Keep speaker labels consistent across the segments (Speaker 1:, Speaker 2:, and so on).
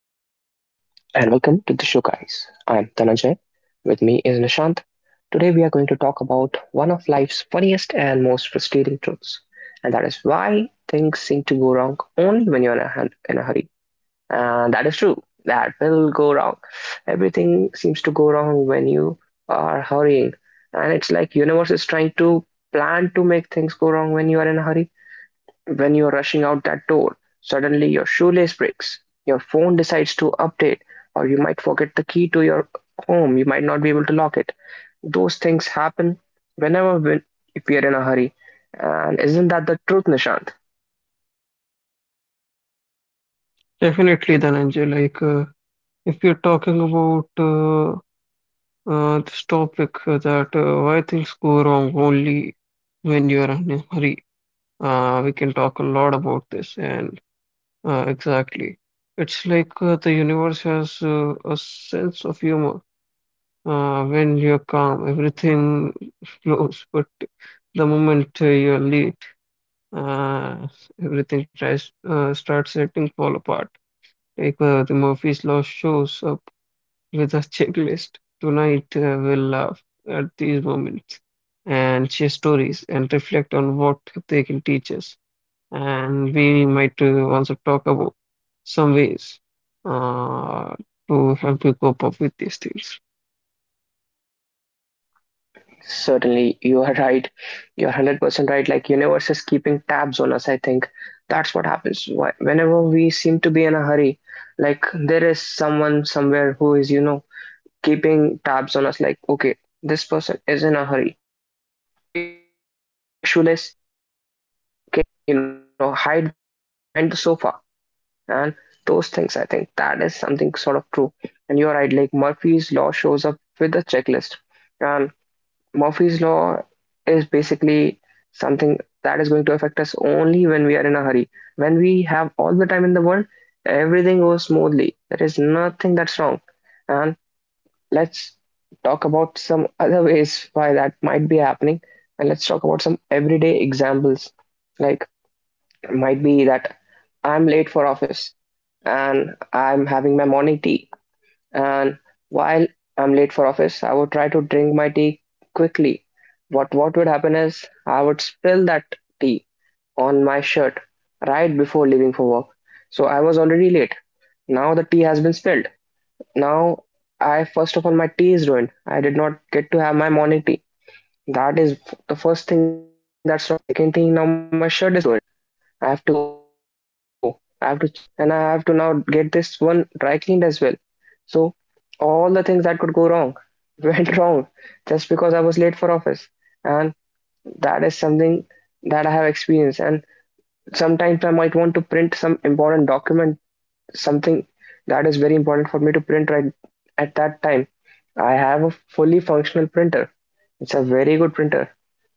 Speaker 1: and welcome to the show, guys. I am Dhananjay. With me is Nishant. Today, we are going to talk about one of life's funniest and most frustrating truths, and that is why things seem to go wrong only when you're in a hurry. And that is true. That will go wrong. Everything seems to go wrong when you are hurrying, and it's like universe is trying to plan to make things go wrong when you are in a hurry. When you're rushing out that door, suddenly your shoelace breaks, your phone decides to update, or you might forget the key to your home. You might not be able to lock it. Those things happen whenever we, if we are in a hurry. And isn't that the truth, Nishant?
Speaker 2: Definitely, Dhananjay. If you're talking about this topic that why things go wrong only when you're in a hurry, we can talk a lot about this. And exactly, it's like the universe has a sense of humor. When you're calm, everything flows, but the moment you're late, uh, everything tries starts letting fall apart. The Murphy's Law shows up with a checklist. Tonight, we'll laugh at these moments and share stories and reflect on what they can teach us. And we might also talk about some ways uh, to help you cope up with these things.
Speaker 1: Certainly, you are right. You're 100% right. Like, universe is keeping tabs on us, I think. That's what happens. Whenever we seem to be in a hurry, like, there is someone somewhere who is, you know, keeping tabs on us. Like, okay, this person is in a hurry. Break shoelace now. Okay, you know, hide the key behind the sofa and those things. I think that is something sort of true. And you're right, like Murphy's Law shows up with a checklist. And Murphy's Law is basically something that is going to affect us only when we are in a hurry. When we have all the time in the world, everything goes smoothly. There is nothing that's wrong. And let's talk about some other ways why that might be happening, and let's talk about some everyday examples. Like, it might be that I'm late for office and I'm having my morning tea, and while I'm late for office I would try to drink my tea quickly. What would happen is I would spill that tea on my shirt right before leaving for work. So I was already late, now the tea has been spilled. Now, I first of all, my tea is ruined. I did not get to have my morning tea. That is the first thing that's wrong. Second thing, now my shirt is ruined. I have to go. I have to change that shirt. And I have to now get this one dry cleaned as well. So, all the things that could go wrong went wrong just because I was late for office. And that is something that I have experienced. And sometimes I might want to print some important document, something that is very important for me to print right at that time. I have a fully functional printer. It's a very good printer.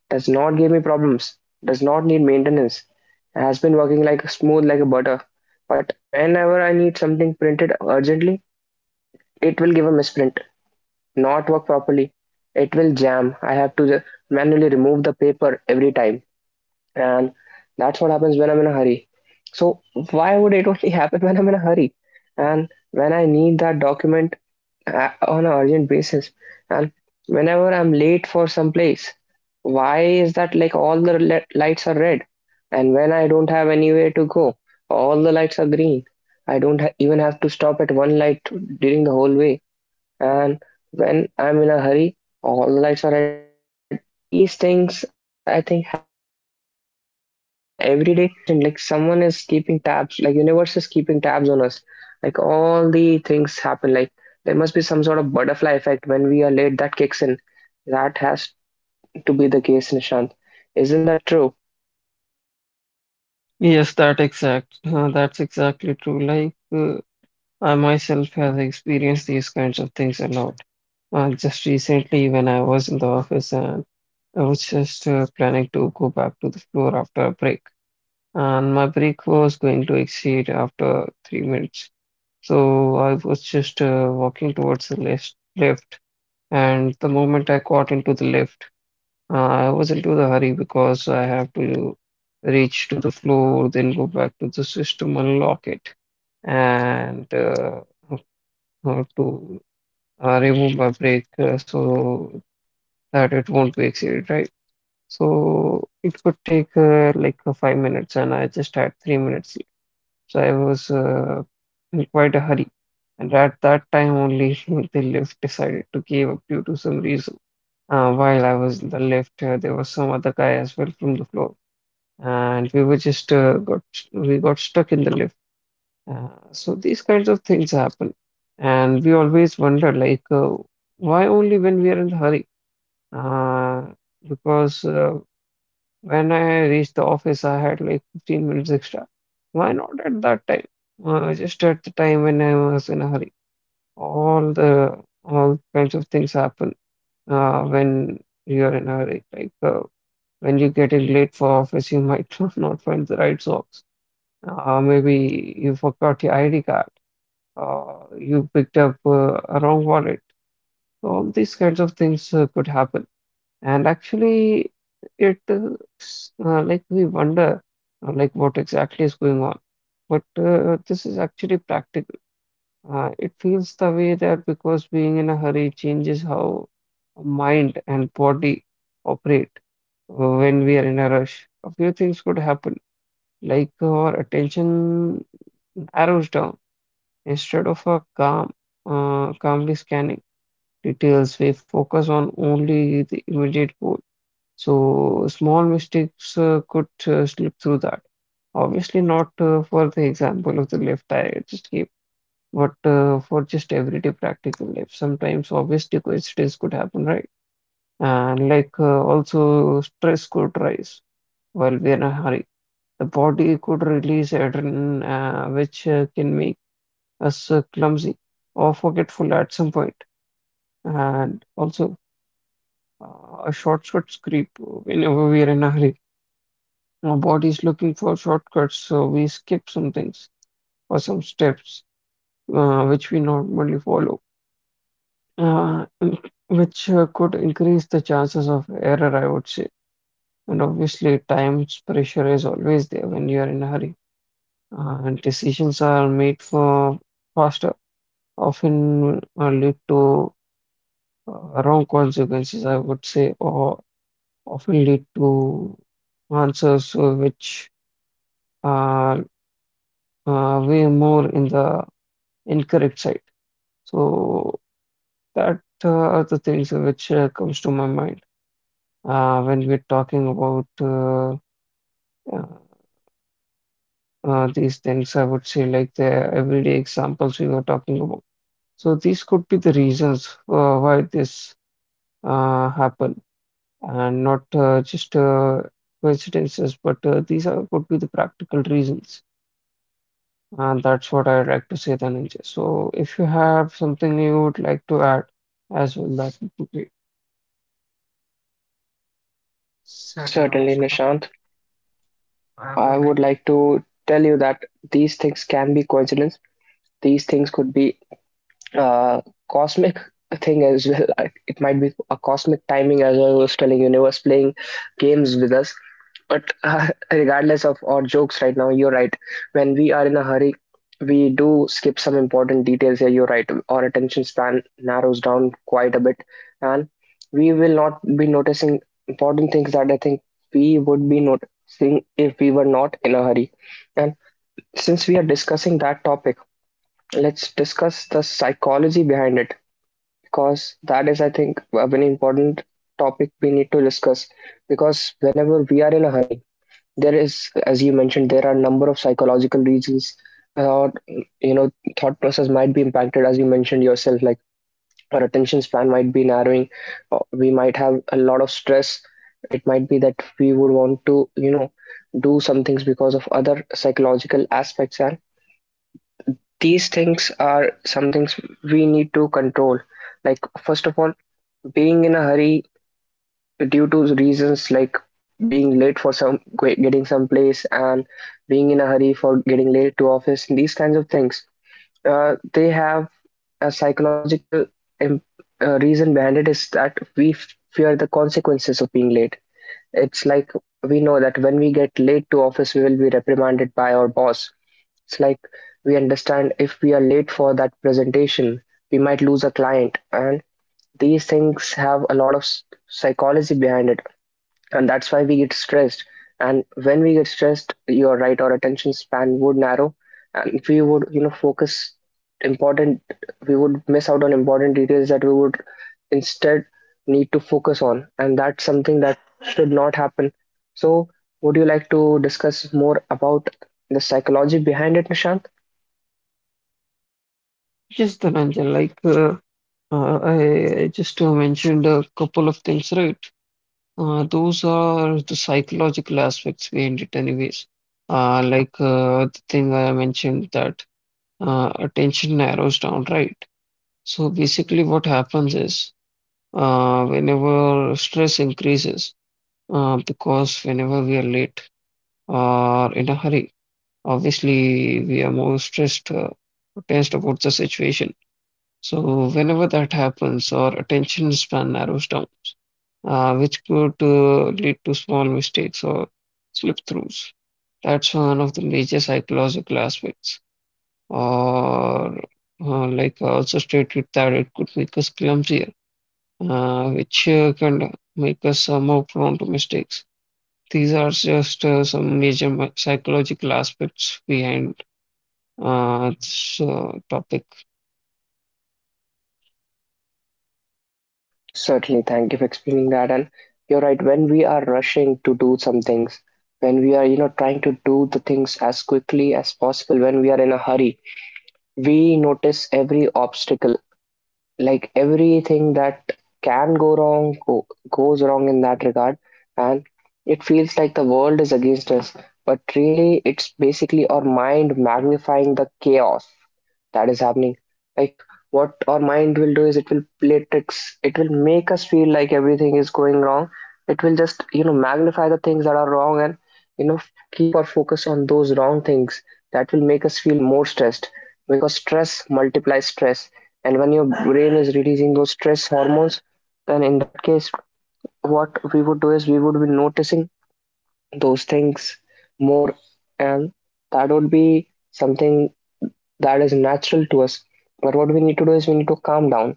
Speaker 1: Does not give me problems. Does not need maintenance. Has been working like smooth like a butter. But whenever I need something printed urgently, it will give a misprint, not work properly. It will jam. I have to manually remove the paper every time, and that's what happens when I'm in a hurry. So why would it only happen when I'm in a hurry and when I need that document on an urgent basis and whenever I'm late for some place? Why is that like all the lights are red, and when I don't have anywhere to go, all the lights are green. I don't even have to stop at one light during the whole way. And when I'm in a hurry, all the lights are red. These things I think happen every day, and as I mentioned, like someone is keeping tabs, like universe is keeping tabs on us. Like all the things happen. Like there must be some sort of butterfly effect when we are late that kicks in. That has to be the case, Nishant. Isn't that true?
Speaker 2: That's exactly true. I myself have experienced these kinds of things a lot. Just recently, when I was in the office and I was just planning to go back to the floor after a break. And my break was going to exceed after 3 minutes. So I was just walking towards the left, and the moment I got into the left, I was into the hurry because I have to reach to the floor, then go back to the system, unlock it, and to remove my brake so that it won't be exceeded, right? So it could take 5 minutes, and I just had 3 minutes. So I was in quite a hurry. And at that time only, the lift decided to give up due to some reason. While I was in the lift, there was some other guy as well from the floor, and we got stuck in the lift. So these kinds of things happen, and we always wonder why only when we are in the hurry? Uh, because when I reached the office, I had like 15 minutes extra. Why not at that time? Just at the time when I was in a hurry. All the all kinds of things happen when you are in a hurry. When you get in late for office, you might not find the right socks. Maybe you forgot your ID card. You picked up a wrong wallet. All these kinds of things could happen. And actually, it is like we wonder like what exactly is going on. But this is actually practical. It feels the way that because being in a hurry changes how mind and body operate when we are in a rush. A few things could happen, like our attention arrows down instead of a calm, calmly scanning details. We focus on only the immediate goal, so small mistakes could slip through that. Obviously, not for the example of the left I just gave, but for just everyday practical life. Sometimes, obviously, coincidence could happen, right? And also, stress could rise while we are in a hurry. The body could release adrenaline, which can make us clumsy or forgetful at some point. And also, shortcuts creep whenever we are in a hurry. Our body's looking for shortcuts, so we skip some things or some steps which we normally follow, and which could increase the chances of error, I would say. And obviously, time's pressure is always there when you are in a hurry, and decisions are made for faster, often lead to wrong consequences, I would say, or often lead to answers which are way more in the incorrect side. So that are the things which comes to my mind when we're talking about uh, these things. I would say like the everyday examples we were talking about. So these could be the reasons why this happen, and not just coincidences, but these are could be the practical reasons. And that's what I'd like to say, Dhananjay. So if you have something you would like to add as well, that would be great. Certain,
Speaker 1: Certainly,
Speaker 2: Anusha.
Speaker 1: Nishant. I would like to tell you that these things can be coincidence. These things could be uh, cosmic thing as well. I- It might be a cosmic timing, as I was telling you, universe playing games with us. But regardless of our jokes right now, you're right. When we are in a hurry, we do skip some important details here. You're right. Our attention span narrows down quite a bit, and we will not be noticing important things that I think we would be noticing if we were not in a hurry. And since we are discussing that topic, let's discuss the psychology behind it, because that is, I think, a very important topic we need to discuss. Because whenever we are in a hurry, there is, as you mentioned, there are a number of psychological reasons, or you know, thought process might be impacted, as you mentioned yourself, like our attention span might be narrowing, or we might have a lot of stress. It might be that we would want to, you know, do some things because of other psychological aspects, and these things are some things we need to control. Like, first of all, being in a hurry due to reasons like being late for some getting some place, and being in a hurry for getting late to office, these kinds of things, they have a psychological im- reason behind it is that we fear the consequences of being late. It's like we know that when we get late to office we will be reprimanded by our boss. It's like we understand if we are late for that presentation, we might lose a client, and these things have a lot of psychology behind it, and that's why we get stressed. And when we get stressed, you're right, our attention span would narrow, and we would, you know, focus important, we would miss out on important details that we would instead need to focus on, and that's something that should not happen. So would you like to discuss more about the psychology behind it, Nishant?
Speaker 2: Yes, Dhananjay, like I just mentioned a couple of things, right? Those are the psychological aspects behind it, anyways. The thing I mentioned that attention narrows down, right? So basically, what happens is whenever stress increases, because whenever we are late or in a hurry, obviously we are more stressed, tensed about the situation. So whenever that happens, our attention span narrows down, which could lead to small mistakes or slip throughs. That's one of the major psychological aspects. Or, like I also stated, that it could make us clumsier, which can make us more prone to mistakes. These are just some major psychological aspects behind this topic.
Speaker 1: Certainly, thank you for explaining that. And you're right, when we are rushing to do some things, when we are, you know, trying to do the things as quickly as possible, when we are in a hurry, we notice every obstacle, like everything that can go wrong, goes wrong in that regard, and it feels like the world is against us. But really, it's basically our mind magnifying the chaos that is happening. Like, what our mind will do is it will play tricks, it will make us feel like everything is going wrong, it will just, you know, magnify the things that are wrong, and, you know, keep our focus on those wrong things. That will make us feel more stressed, because stress multiplies stress. And when your brain is releasing those stress hormones, then in that case, what we would do is we would be noticing those things more, and that would be something that is natural to us. But what we need to do is we need to calm down.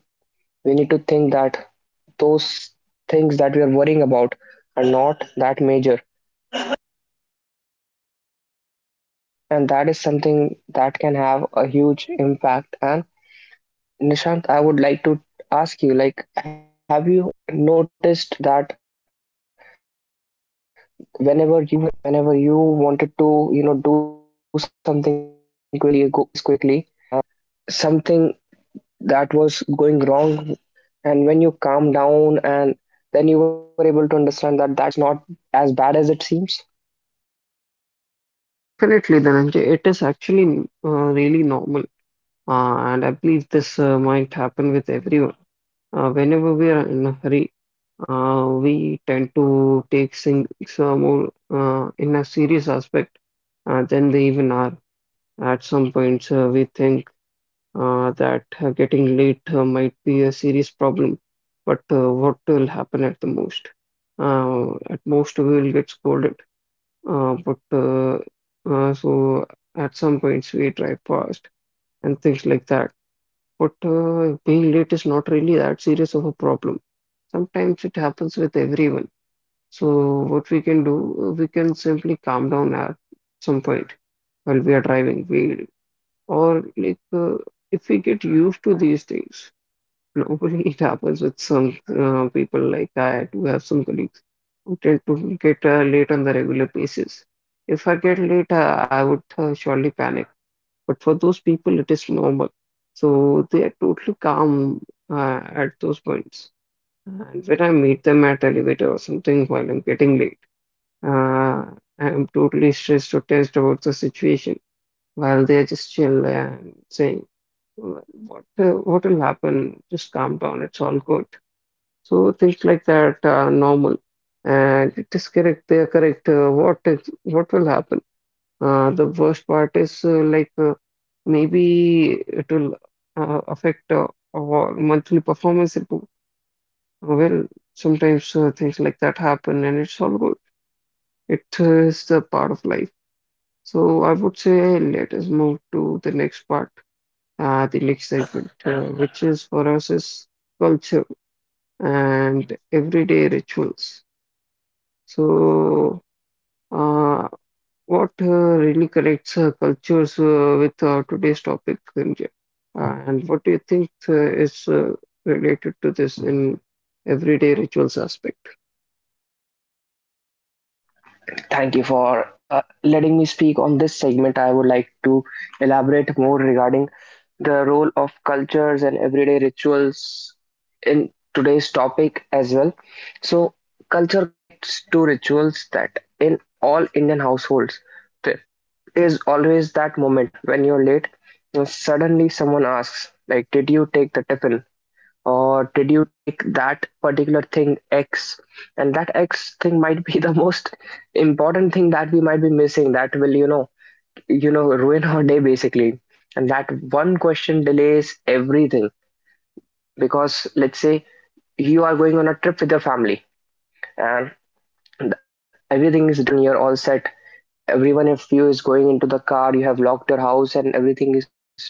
Speaker 1: We need to think that those things that we are worrying about are not that major. And that is something that can have a huge impact. And Nishant, I would like to ask you, like, have you noticed that whenever you were in a hurry, whenever you wanted to, you know, do something quickly, go reach someplace quickly, uh, something that was going wrong, and when you calm down and then you were able to understand that it's not as bad as it seems?
Speaker 2: Definitely, Dhananjay, it is actually really normal. And I believe this might happen with everyone. Whenever we are in a hurry, we tend to take things more in a serious aspect than they even are. At some points, we think that getting late might be a serious problem, but what will happen at the most? At most, we will get scolded, but uh, so at some points, we drive fast and things like that, but being late is not really that serious of a problem. Sometimes it happens with everyone. So what we can do, we can simply calm down at some point while we are driving. We or like If we get used to these things, normally it happens with some people. Like I do have some colleagues who tend to get late on the regular basis. If I get late, I would surely panic. But for those people, it is normal. So they are totally calm at those points. And when I meet them at elevator or something while I'm getting late, uh, I am totally stressed or tensed about the situation while they are just chill and saying, "Well, what will happen? Just calm down. It's all good." So things like that are normal. And it is correct. They are correct. What will happen? The worst part is maybe it will affect our monthly performance. It will, well, sometimes things like that happen, and it's all good. It is the part of life. So I would say let us move to the next part, the next segment, which is for us is culture and everyday rituals. So. Uh, What uh, really connects cultures with today's topic, Sanjay? And what do you think is related to this in everyday rituals aspect?
Speaker 1: Thank you for letting me speak on this segment. I would like to elaborate more regarding the role of cultures and everyday rituals in today's topic as well. So, culture connects to rituals that in all Indian households, the is always that moment when you're late and suddenly someone asks like, did you take the tiffin, or did you take that particular thing X? And that X thing might be the most important thing that we might be missing, that will, you know, you know, ruin our day basically. And that one question delays everything. Because let's say you are going on a trip with your family, and everything is done, you're all set. Everyone of you is going into the car, you have locked your house and everything is done.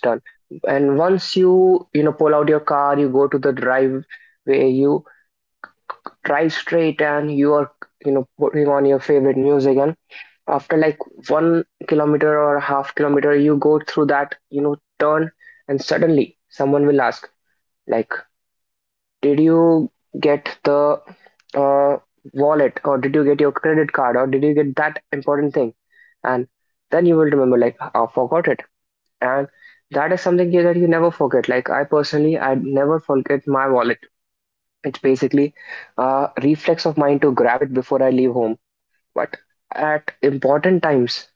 Speaker 1: And once you, you know, pull out your car, you go to the driveway, you drive straight and you are, you know, putting on your favorite music, and after like 1 kilometer or half kilometer, you go through that, you know, turn, and suddenly someone will ask, like, did you get the uh, wallet, or did you get your credit card, or did you get that important thing? And then you will remember, like, I forgot it. And that is something that you never forget. Like, I personally, I never forget my wallet. It's basically a reflex of mine to grab it before I leave home. But at important times,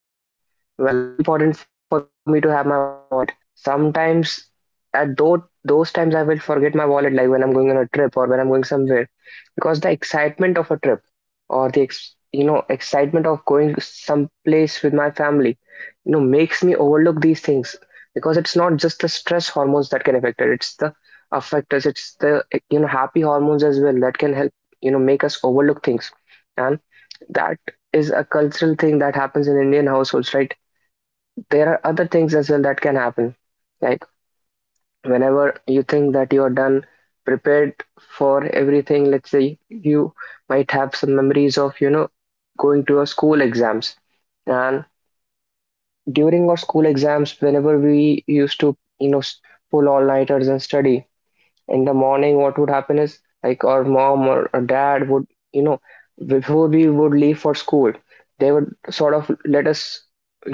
Speaker 1: when it's very important for me to have my wallet, sometimes at those times I will forget my wallet, like when I'm going on a trip or when I'm going somewhere, because the excitement of a trip or the excitement of going someplace with my family, makes me overlook these things. Because it's not just the stress hormones that can affect it, it's the affectors, it's the, happy hormones as well that can help, make us overlook things. And that is a cultural thing that happens in Indian households, right? There are other things as well that can happen, like whenever you think that you are done, prepared for everything. Let's say you might have some memories of, going to a school exams. And during our school exams, whenever we used to, pull all nighters and study, in the morning what would happen is, like, our mom or our dad would, you know before we would leave for school, they would sort of let us,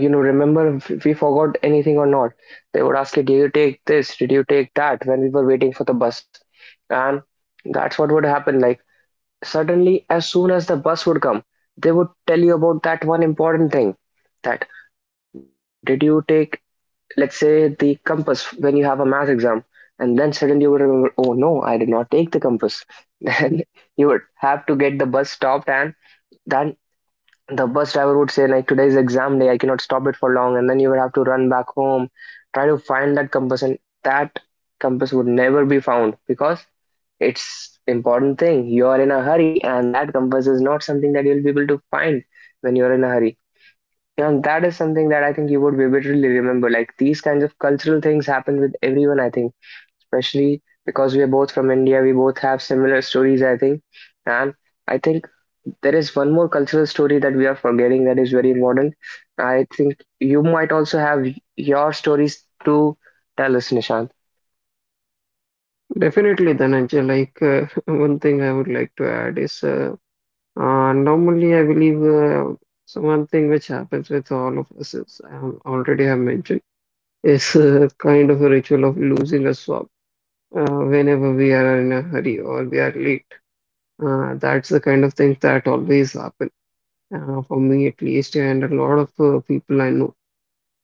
Speaker 1: remember if we forgot anything or not. They would ask you, did you take this, did you take that, when we were waiting for the bus. And that's what would happen, like, suddenly as soon as the bus would come, they would tell you about that one important thing. That did you take, let's say, the compass when you have a math exam, and then suddenly you would remember, oh no, I did not take the compass. Then you would have to get the bus stopped, and then the bus driver would say, like, today's exam day, I cannot stop it for long. And then you would have to run back home, try to find that compass, and that compass would never be found, because it's important thing, you're in a hurry, and that compass is not something that you'll be able to find when you're in a hurry. And that is something that I think you would vividly remember. Like these kinds of cultural things happen with everyone, I think, especially because we are both from India. We both have similar stories, I think. And I think there is one more cultural story that we are forgetting that is very important. I think you might also have your stories to tell us, Nishant.
Speaker 2: Definitely, Dhananjay, one thing I would like to add is normally I believe so one thing which happens with all of us is already have mentioned is kind of a ritual of losing a swab whenever we are in a hurry or we are late. That's the kind of thing that always happens. For me, at least, and a lot of people I know.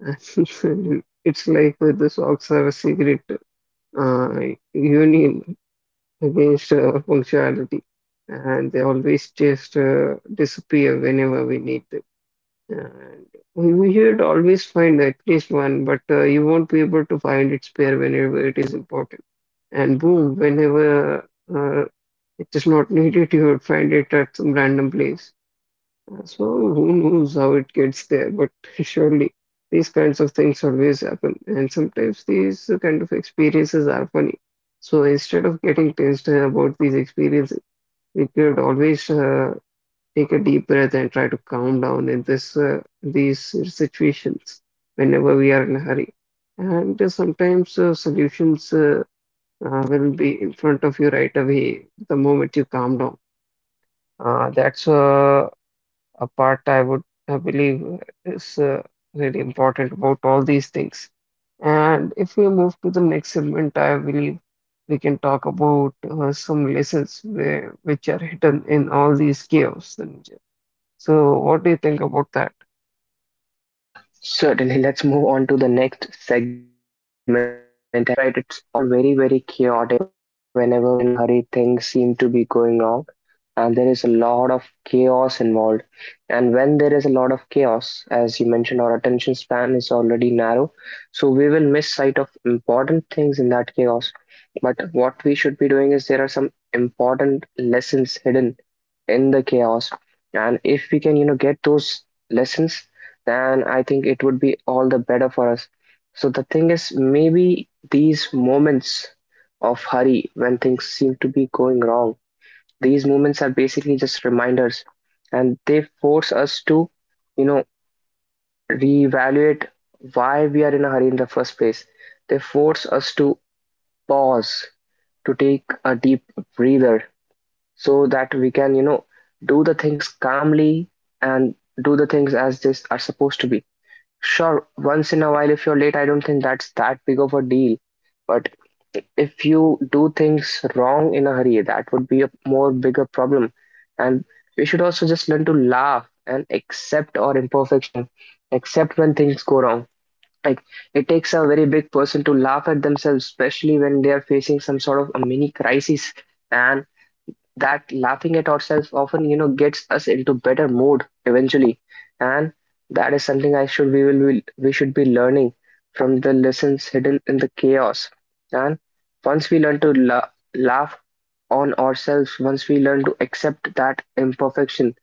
Speaker 2: It's like the socks have a secret uh, union against punctuality, and they always just disappear whenever we need them. And we should always find at least one, but you won't be able to find its pair whenever it is important. And boom, whenever uh, it is not needed, you would find it at some random place. So who knows how it gets there, but surely these kinds of things always happen, and sometimes these kind of experiences are funny. So instead of getting tensed about these experiences, we could always take a deep breath and try to calm down in this these situations whenever we are in a hurry. And sometimes solutions will be in front of you right away the moment you calm down. That's a part I would believe is really important about all these things. And if we move to the next segment, I believe we can talk about some lessons which are hidden in all these chaos, Tanuja. So, what do you think about that?
Speaker 1: Certainly, let's move on to the next segment. And you're right, it's all very, very chaotic. Whenever we are in a hurry, things seem to be going wrong, and there is a lot of chaos involved. And when there is a lot of chaos, as you mentioned, our attention span is already narrow, so we will miss sight of important things in that chaos. But what we should be doing is, there are some important lessons hidden in the chaos, and if we can, you know, get those lessons, then I think it would be all the better for us. So the thing is, maybe these moments of hurry, when things seem to be going wrong, these moments are basically just reminders, and they force us to, you know, reevaluate why we are in a hurry in the first place. They force us to pause, to take a deep breather, so that we can, you know, do the things calmly, and do the things as they are supposed to be. Sure, once in a while, if you're late, I don't think that's that big of a deal. But if you do things wrong in a hurry, that would be a more bigger problem. And we should also just learn to laugh and accept our imperfection, accept when things go wrong. Like, it takes a very big person to laugh at themselves, especially when they are facing some sort of a mini crisis. And that laughing at ourselves often, gets us into better mood eventually, and that is something I should we will we should be learning from the lessons hidden in the chaos. And once we laugh on ourselves, once we learn to accept that imperfection,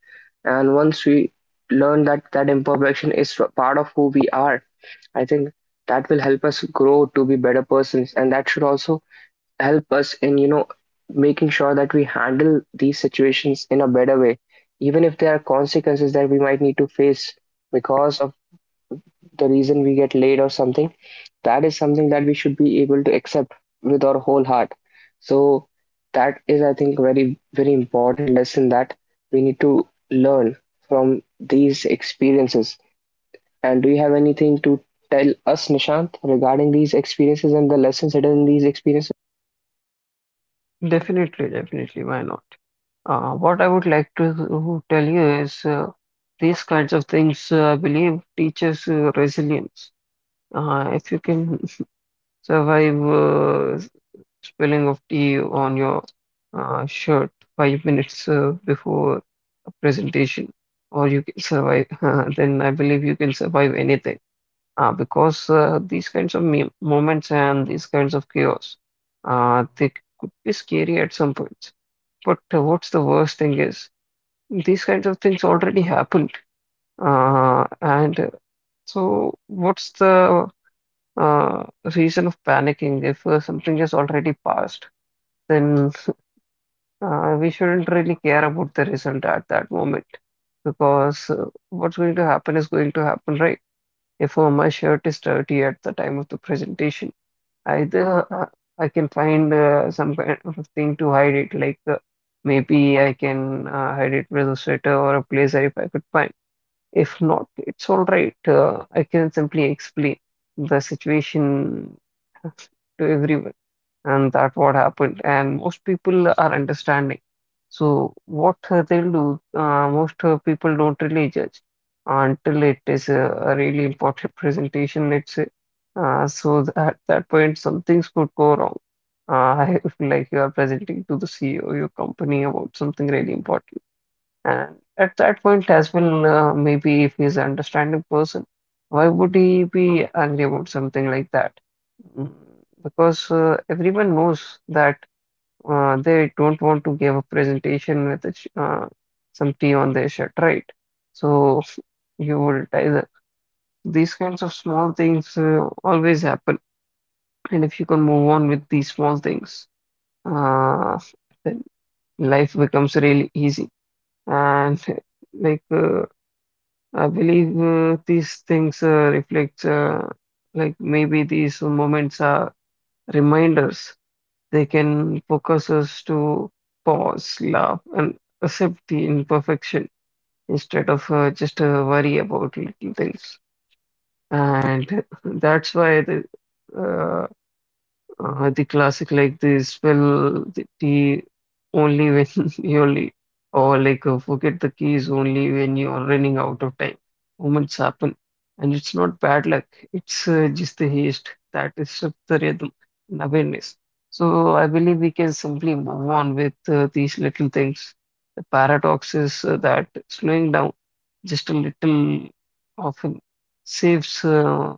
Speaker 1: and once we learn that that imperfection is part of who we are, I think that will help us grow to be better persons, and that should also help us in, making sure that we handle these situations in a better way, even if there are consequences that we might need to face because of the reason we get late or something. That is something that we should be able to accept with our whole heart. So that is, I think, very, very important lesson that we need to learn from these experiences. And do you have anything to tell us, Nishant, regarding these experiences and the lessons hidden in these experiences?
Speaker 2: Definitely, definitely. Why not? What I would like to tell you is these kinds of things, I believe, teaches resilience. If you can survive spilling of tea on your shirt 5 minutes before a presentation, or you can survive, then I believe you can survive anything. Because these kinds of me moments and these kinds of chaos, they could be scary at some points. But what's the worst thing is these kinds of things already happened. And so, what's the uh, reason of panicking if something has already passed? Then we shouldn't really care about the result at that moment because what's going to happen is going to happen, right? If my shirt is dirty at the time of the presentation, either I can find some kind of a thing to hide it, like maybe I can hide it with a sweater or a blazer if I could find. If not, it's all right. I can simply explain the situation to everyone and that what happened, and most people are understanding, so what they'll do most people don't really judge until it is a really important presentation, let's say. At that point some things could go wrong, if like you are presenting to the CEO of your company about something really important. And at that point as well, maybe if he's an understanding person, why would he be angry about something like that? Mm. Because everyone knows that they don't want to give a presentation with some tea on their shirt, right? So you would either, these kinds of small things always happen, and if you can move on with these small things, uh, then life becomes really easy. And like uh, I believe these things reflects, like maybe these moments are reminders. They can focus us to pause, laugh, and accept the imperfection instead of just worry about little things. And that's why uh, the classic like this will the only when you only or like forget the keys only when you are running out of time. Moments happen, and it's not bad luck. It's just the haste that disrupts the rhythm and awareness. So I believe we can simply move on with these little things. The paradox is that slowing down just a little often saves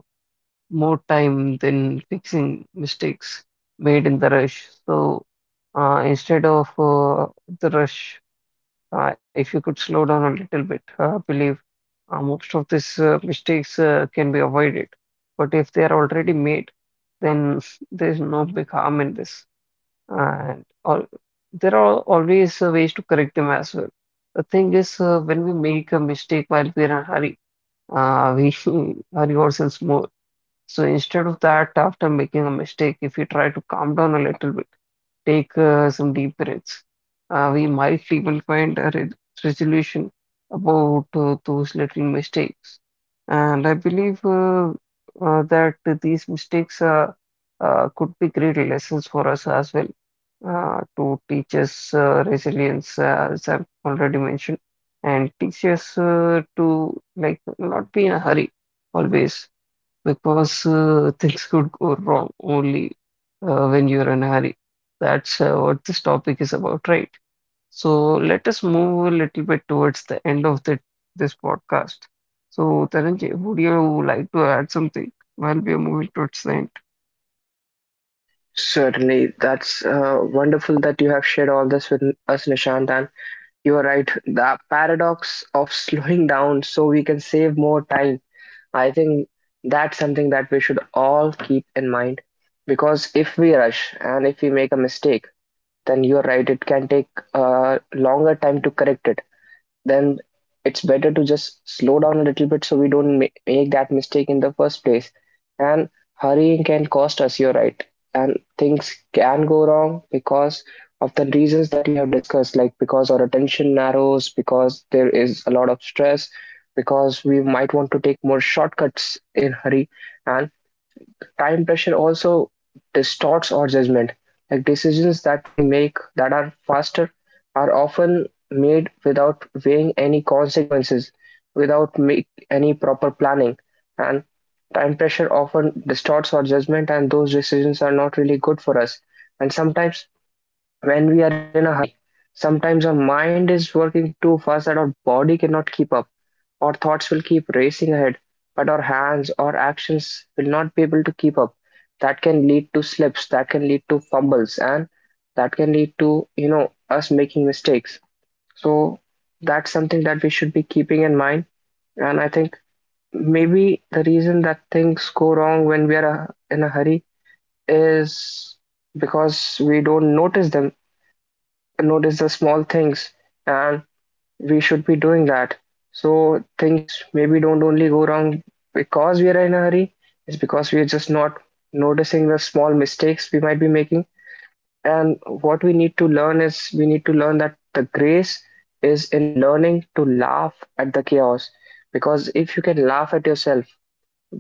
Speaker 2: more time than fixing mistakes made in the rush. So instead of the rush, if you could slow down a little bit, I believe most of these mistakes can be avoided. But if they are already made, then there's no big harm in this. And all, there are always ways to correct them as well. The thing is, when we make a mistake while we're in a hurry, we hurry ourselves more. So instead of that, after making a mistake, if we try to calm down a little bit, take some deep breaths, we might even find a re resolution about those little mistakes. And I believe that these mistakes could be great lessons for us as well, to teach us resilience, as I've already mentioned, and teach us to like not be in a hurry always, because things could go wrong only when you're in a hurry. That's what this topic is about, right? So let us move a little bit towards the end of this podcast. So Taranjay, would you like to add something while we are moving towards the end?
Speaker 1: Certainly, that's wonderful that you have shared all this with us, Nishant. And you are right, the paradox of slowing down so we can save more time. I think that's something that we should all keep in mind, because if we rush and if we make a mistake, then you're right, it can take a longer time to correct it. Then it's better to just slow down a little bit so we don't make that mistake in the first place. And hurrying can cost us, you're right. And things can go wrong because of the reasons that we have discussed, like because our attention narrows, because there is a lot of stress, because we might want to take more shortcuts in hurry, and time pressure also distorts our judgment. Like decisions that we make that are faster are often made without weighing any consequences, without make any proper planning. And time pressure often distorts our judgment, and those decisions are not really good for us. And sometimes when we are in a hurry. Sometimes our mind is working too fast that our body cannot keep up. Our thoughts will keep racing ahead, but our hands or actions will not be able to keep up. That can lead to slips, that can lead to fumbles, and that can lead to, you know, us making mistakes. So that's something that we should be keeping in mind. And I think maybe the reason that things go wrong when we are in a hurry is because we don't notice them, notice the small things, and we should be doing that. So things maybe don't only go wrong because we are in a hurry, it's because we are just not noticing the small mistakes we might be making. And what we need to learn is, we need to learn that the grace is in learning to laugh at the chaos, because if you can laugh at yourself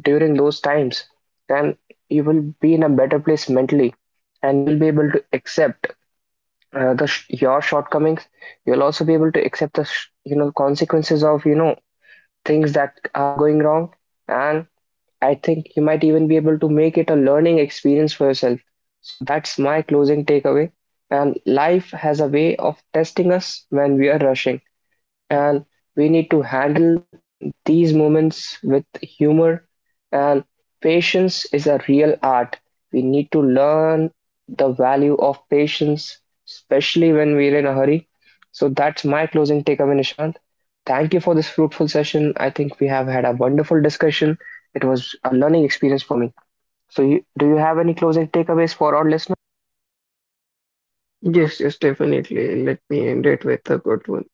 Speaker 1: during those times, then you will be in a better place mentally, and you'll be able to accept your shortcomings. You'll also be able to accept the consequences of, things that are going wrong. And I think you might even be able to make it a learning experience for yourself. So that's my closing takeaway. And life has a way of testing us when we are rushing, and we need to handle these moments with humor, and patience is a real art. We need to learn the value of patience, especially when we're in a hurry. So that's my closing takeaway, Nishant. Thank you for this fruitful session. I think we have had a wonderful discussion. It was a learning experience for me. So, you, do you have any closing takeaways for our listeners?
Speaker 2: Yes, yes, definitely. Let me end it with a good one.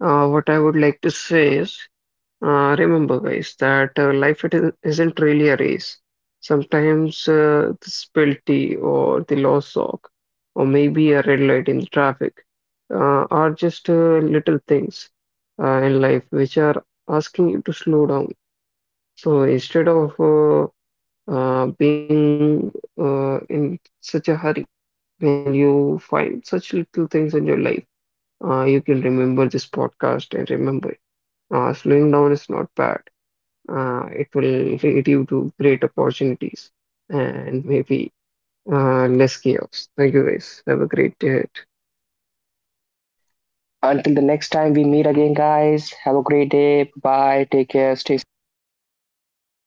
Speaker 2: What I would like to say is, remember, guys, that life isn't really a race. Sometimes the spilled tea or the lost sock, or maybe a red light in the traffic, are just little things in life which are asking you to slow down. So instead of being in such a hurry, when you find such little things in your life, you can remember this podcast and remember, slowing down is not bad. It will lead you to great opportunities and maybe less chaos. Thank you guys. Have a great day. Ahead.
Speaker 1: Until the next time we meet again, guys, have a great day. Bye. Take care. Stay